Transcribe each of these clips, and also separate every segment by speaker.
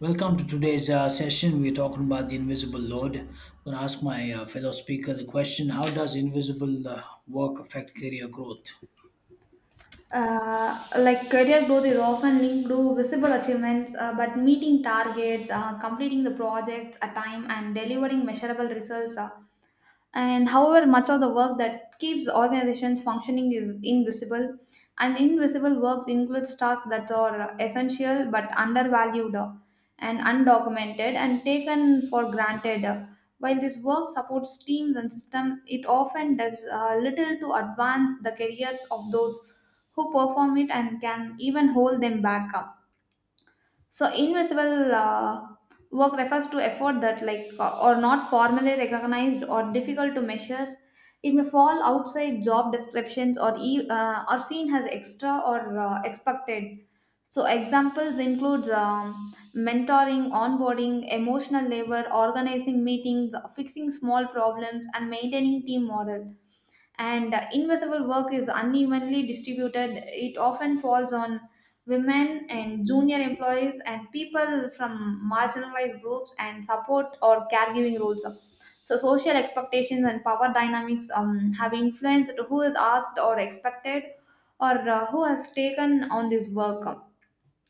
Speaker 1: Welcome to today's session. We're talking about the invisible load. I'm going to ask my fellow speaker the question: how does invisible work affect career growth?
Speaker 2: Uh, like career growth is often linked to visible achievements, but meeting targets, completing the projects at time, and delivering measurable results. And however much of the work that keeps organizations functioning is invisible, and invisible works include tasks that are essential but undervalued, and undocumented and taken for granted. While this work supports teams and systems, it often does little to advance the careers of those who perform it and can even hold them back up. So invisible work refers to effort that or not formally recognized or difficult to measure. It may fall outside job descriptions or or seen as extra or expected. So examples includes mentoring, onboarding, emotional labor, organizing meetings, fixing small problems, and maintaining team morale. And invisible work is unevenly distributed. It often falls on women and junior employees and people from marginalized groups and support or caregiving roles. So, social expectations and power dynamics have influenced who is asked or expected, or who has taken on this work.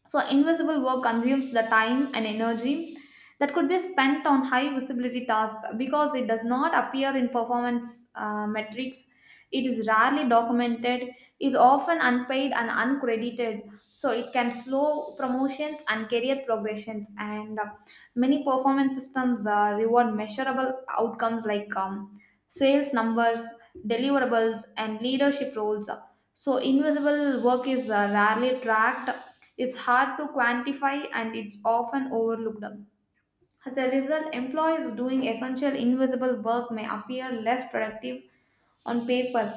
Speaker 2: So, invisible work consumes the time and energy that could be spent on high visibility tasks because it does not appear in performance metrics. It is rarely documented, is often unpaid and uncredited, so it can slow promotions and career progressions. And many performance systems reward measurable outcomes like sales numbers, deliverables, and leadership roles. So, invisible work is rarely tracked, it's hard to quantify, and it's often overlooked. As a result, employees doing essential invisible work may appear less productive on paper.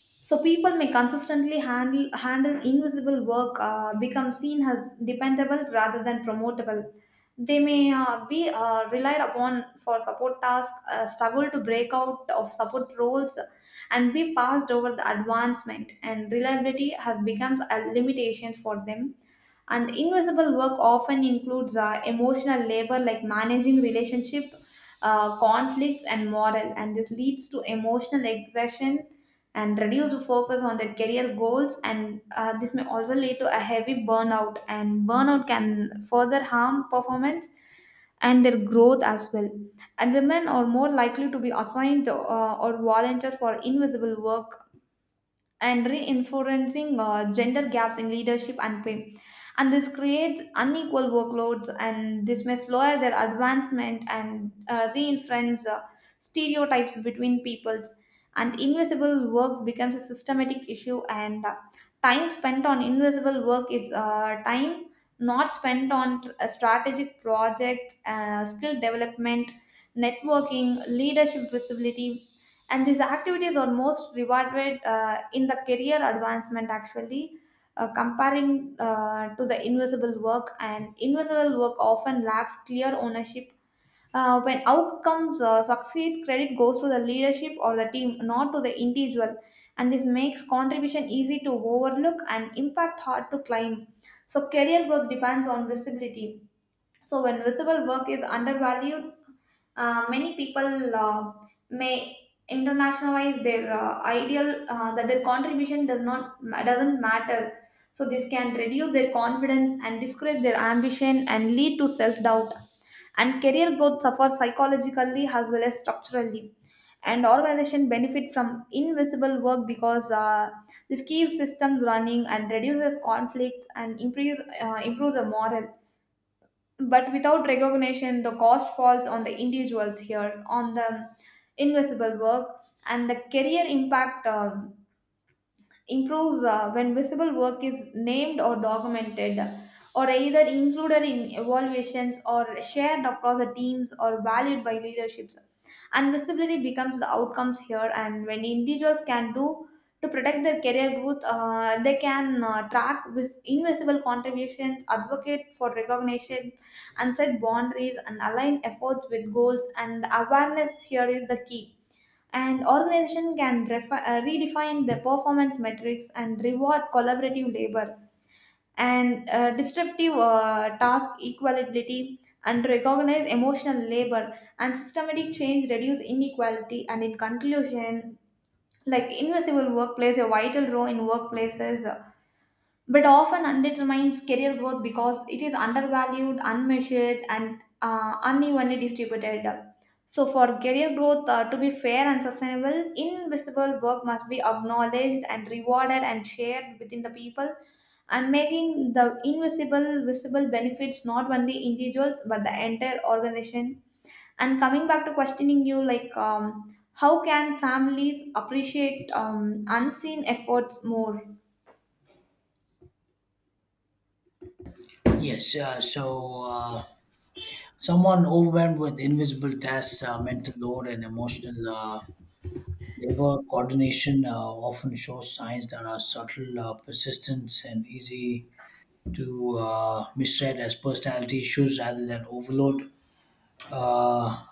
Speaker 2: So people may consistently handle invisible work, become seen as dependable rather than promotable. They may be relied upon for support tasks, struggle to break out of support roles, and be passed over the advancement. And reliability has becomes a limitation for them. And invisible work often includes emotional labor like managing relationship conflicts and moral, and this leads to emotional exhaustion and reduced focus on their career goals. And this may also lead to a heavy burnout, and burnout can further harm performance and their growth as well. And the men are more likely to be assigned or volunteer for invisible work and reinforcing gender gaps in leadership and pay. And this creates unequal workloads, and this may slow their advancement and reinforce stereotypes between peoples. And invisible work becomes a systematic issue. And time spent on invisible work is time not spent on a strategic project, skill development, networking, leadership visibility, and these activities are most rewarded in the career advancement actually, comparing to the invisible work. And invisible work often lacks clear ownership. When outcomes succeed, credit goes to the leadership or the team, not to the individual, and this makes contribution easy to overlook and impact hard to climb. So career growth depends on visibility. So when visible work is undervalued, many people may internationalize their ideal that their contribution doesn't matter. So this can reduce their confidence and discourage their ambition and lead to self doubt. And career growth suffers psychologically as well as structurally. And organization benefit from invisible work because this keeps systems running and reduces conflicts and improves the morale, but without recognition, the cost falls on the individuals here, on the invisible work, and the career impact. Improves when visible work is named or documented or either included in evaluations or shared across the teams or valued by leaderships, and visibility becomes the outcomes here. And when individuals can do to protect their career growth, they can track with invisible contributions, advocate for recognition and set boundaries and align efforts with goals, and awareness here is the key. And organization can redefine the performance metrics and reward collaborative labor and disruptive task equality and recognize emotional labor, and systematic change reduce inequality. And in conclusion, like, invisible work plays a vital role in workplaces, but often undermines career growth because it is undervalued, unmeasured, and unevenly distributed. So, for career growth to be fair and sustainable, invisible work must be acknowledged and rewarded and shared within the people, and making the invisible visible benefits not only individuals but the entire organization. And coming back to questioning you, like, how can families appreciate unseen efforts more?
Speaker 1: Yes, so someone overwhelmed with invisible tasks, mental load, and emotional labor coordination often shows signs that are subtle, persistent, and easy to misread as personality issues rather than overload. Uh,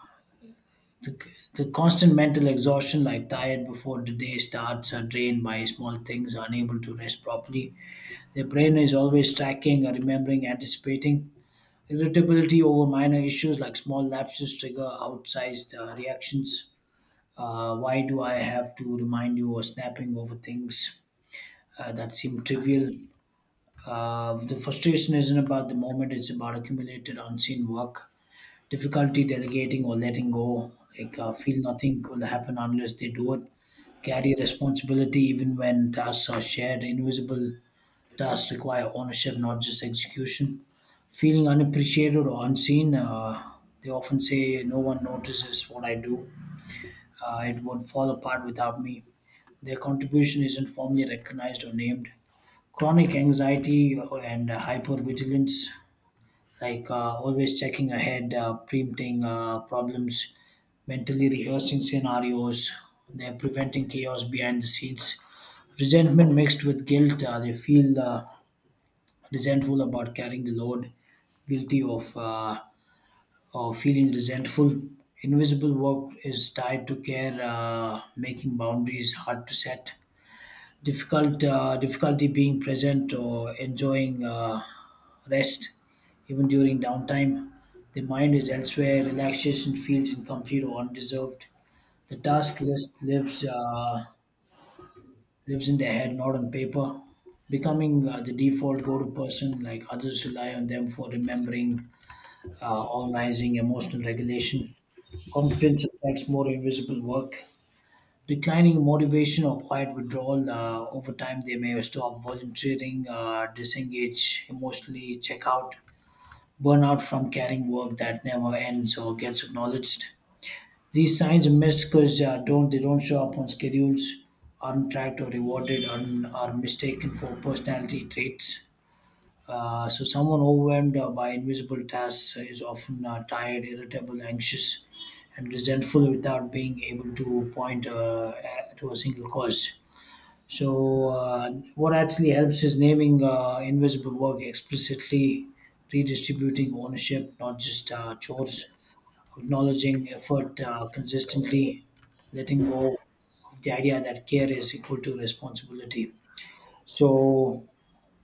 Speaker 1: The, the constant mental exhaustion, like tired before the day starts, are drained by small things, unable to rest properly. Their brain is always tracking, remembering, anticipating. Irritability over minor issues, like small lapses trigger outsized reactions. Why do I have to remind you, or snapping over things that seem trivial? The frustration isn't about the moment, it's about accumulated unseen work, difficulty delegating or letting go. Like, feel nothing will happen unless they do it. Carry responsibility even when tasks are shared. Invisible tasks require ownership, not just execution. Feeling unappreciated or unseen. They often say, no one notices what I do. It would fall apart without me. Their contribution isn't formally recognized or named. Chronic anxiety and hypervigilance, like always checking ahead, preempting problems, mentally rehearsing scenarios. They're preventing chaos behind the scenes. Resentment mixed with guilt. They feel resentful about carrying the load, guilty of feeling resentful. Invisible work is tied to care, making boundaries hard to set, difficulty being present or enjoying rest. Even during downtime the mind is elsewhere, relaxation feels incomplete or undeserved. The task list lives in their head, not on paper. Becoming the default go-to person, like others rely on them for remembering, organizing, emotional regulation. Competence attracts more invisible work. Declining motivation or quiet withdrawal, over time, they may stop volunteering, disengage emotionally, check out, burn out from carrying work that never ends or gets acknowledged. These signs are missed because don't they don't show up on schedules, aren't tracked or rewarded, and are mistaken for personality traits. So, someone overwhelmed by invisible tasks is often tired, irritable, anxious, and resentful without being able to point to a single cause. So, what actually helps is naming invisible work explicitly, redistributing ownership, not just chores, acknowledging effort consistently, letting go of the idea that care is equal to responsibility. So,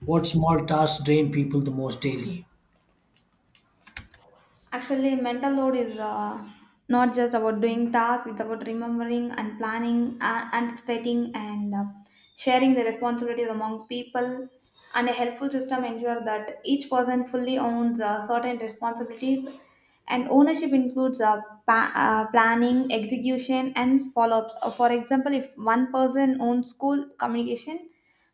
Speaker 1: what small tasks drain people the most daily?
Speaker 2: Actually, mental load is not just about doing tasks, it's about remembering and planning, anticipating, and sharing the responsibilities among people. And a helpful system ensures that each person fully owns certain responsibilities, and ownership includes planning, execution, and follow ups. For example, if one person owns school communication,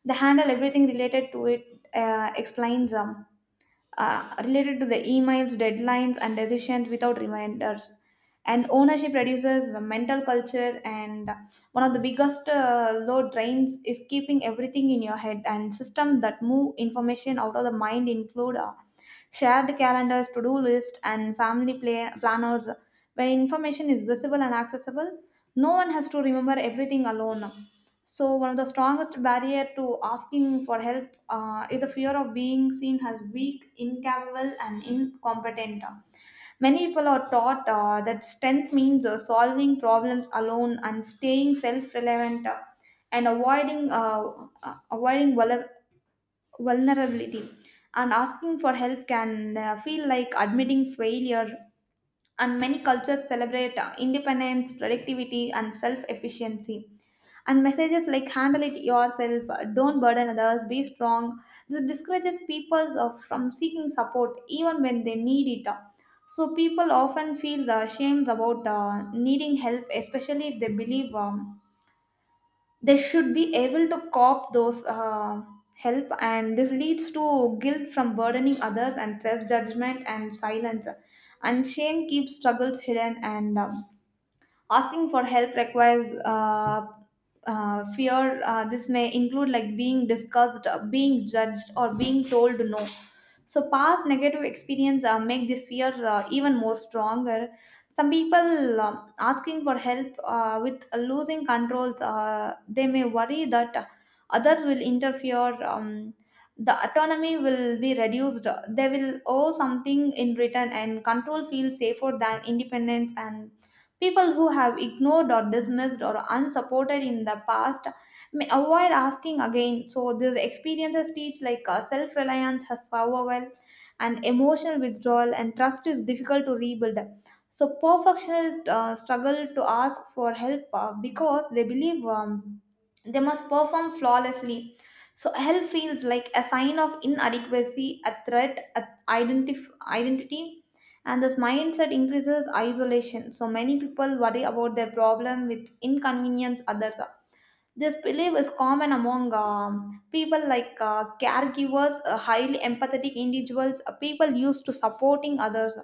Speaker 2: they handle everything related to it, explains them related to the emails, deadlines, and decisions without reminders. And ownership reduces the mental culture. And one of the biggest load drains is keeping everything in your head. And systems that move information out of the mind include shared calendars, to do lists, and family planners. When information is visible and accessible, no one has to remember everything alone. So, one of the strongest barrier to asking for help is the fear of being seen as weak, incapable, and incompetent. Many people are taught that strength means solving problems alone and staying self-relevant and avoiding avoiding vulnerability. And asking for help can feel like admitting failure, and many cultures celebrate independence, productivity, and self efficiency. And messages like handle it yourself, don't burden others, be strong. This discourages people from seeking support even when they need it. So people often feel the shame about needing help, especially if they believe they should be able to cop those help, and this leads to guilt from burdening others and self-judgment and silence, and shame keeps struggles hidden. And asking for help requires fear. This may include like being discussed, being judged or being told no. So past negative experience make this fear even more stronger. Some people, asking for help with losing control, they may worry that others will interfere. The autonomy will be reduced, they will owe something in return, and control feels safer than independence. And people who have ignored or dismissed or unsupported in the past may avoid asking again. So these experiences teach, like, self-reliance has survival and emotional withdrawal, and trust is difficult to rebuild. So perfectionists struggle to ask for help because they believe they must perform flawlessly. So help feels like a sign of inadequacy, a threat, a identity, and this mindset increases isolation. So many people worry about their problem with inconvenience others. This belief is common among people like caregivers, highly empathetic individuals, people used to supporting others.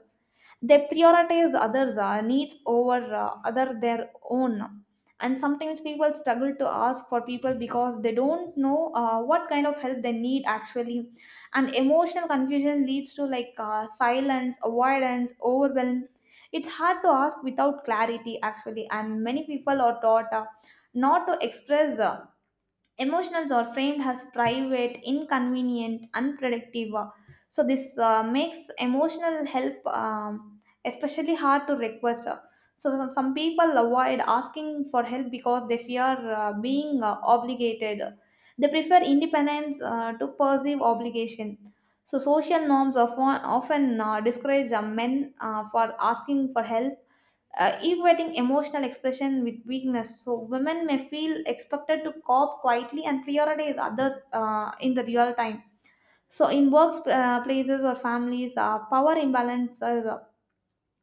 Speaker 2: They prioritize others needs over other their own. And sometimes people struggle to ask for people because they don't know what kind of help they need actually, and emotional confusion leads to, like, silence, avoidance, overwhelm. It's hard to ask without clarity actually, and many people are taught not to express emotionals are framed as private, inconvenient, unproductive. So this makes emotional help especially hard to request. So some people avoid asking for help because they fear being obligated. They prefer independence to perceive obligation. So social norms often discourage men for asking for help, equating emotional expression with weakness. So women may feel expected to cope quietly and prioritize others in the real time. So in works places or families, power imbalance is,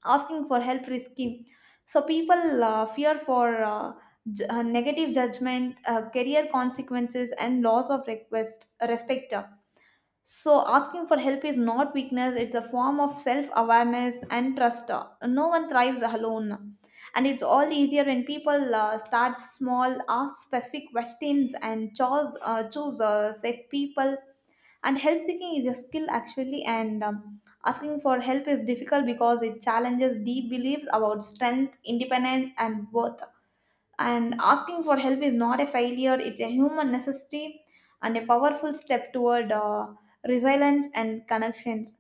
Speaker 2: asking for help risky. So people fear for negative judgment, career consequences, and loss of request respect. So, asking for help is not weakness, it's a form of self awareness and trust. No one thrives alone. And it's all easier when people start small, ask specific questions, and choose safe people. And help seeking is a skill actually, and asking for help is difficult because it challenges deep beliefs about strength, independence, and worth, and asking for help is not a failure, it's a human necessity and a powerful step toward resilience and connections.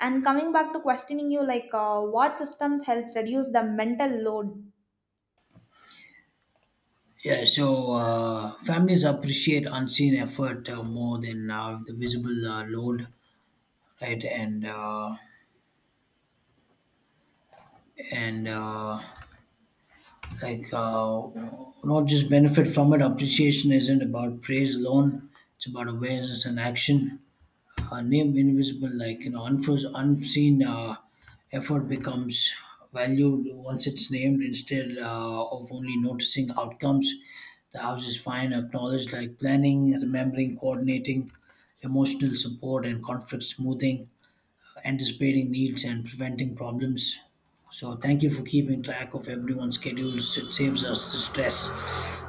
Speaker 2: And coming back to questioning you, like, what systems help reduce the mental load?
Speaker 1: Yeah, so families appreciate unseen effort more than the visible load, right? And like not just benefit from it. Appreciation isn't about praise alone; it's about awareness and action. Name invisible, like, you know, unseen effort becomes valued once it's named, instead of only noticing outcomes. The house is fine, acknowledged like planning, remembering, coordinating, emotional support and conflict smoothing, anticipating needs and preventing problems. So, thank you for keeping track of everyone's schedules, it saves us the stress.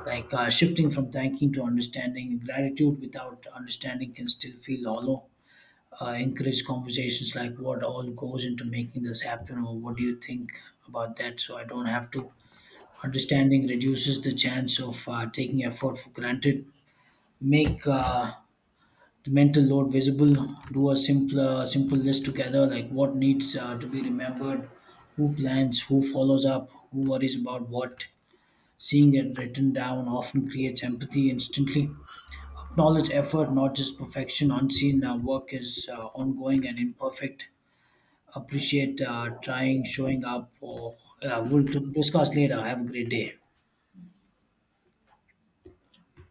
Speaker 1: Like, shifting from thanking to understanding, gratitude without understanding can still feel hollow. Encourage conversations like what all goes into making this happen, or what do you think about that so I don't have to. Understanding reduces the chance of taking effort for granted. Make the mental load visible. Do a simple list together, like what needs to be remembered, who plans, who follows up, who worries about what. Seeing it written down often creates empathy instantly. Acknowledge effort, not just perfection. Unseen work is ongoing and imperfect. Appreciate trying, showing up. Or, yeah, we'll discuss later. Have a great day.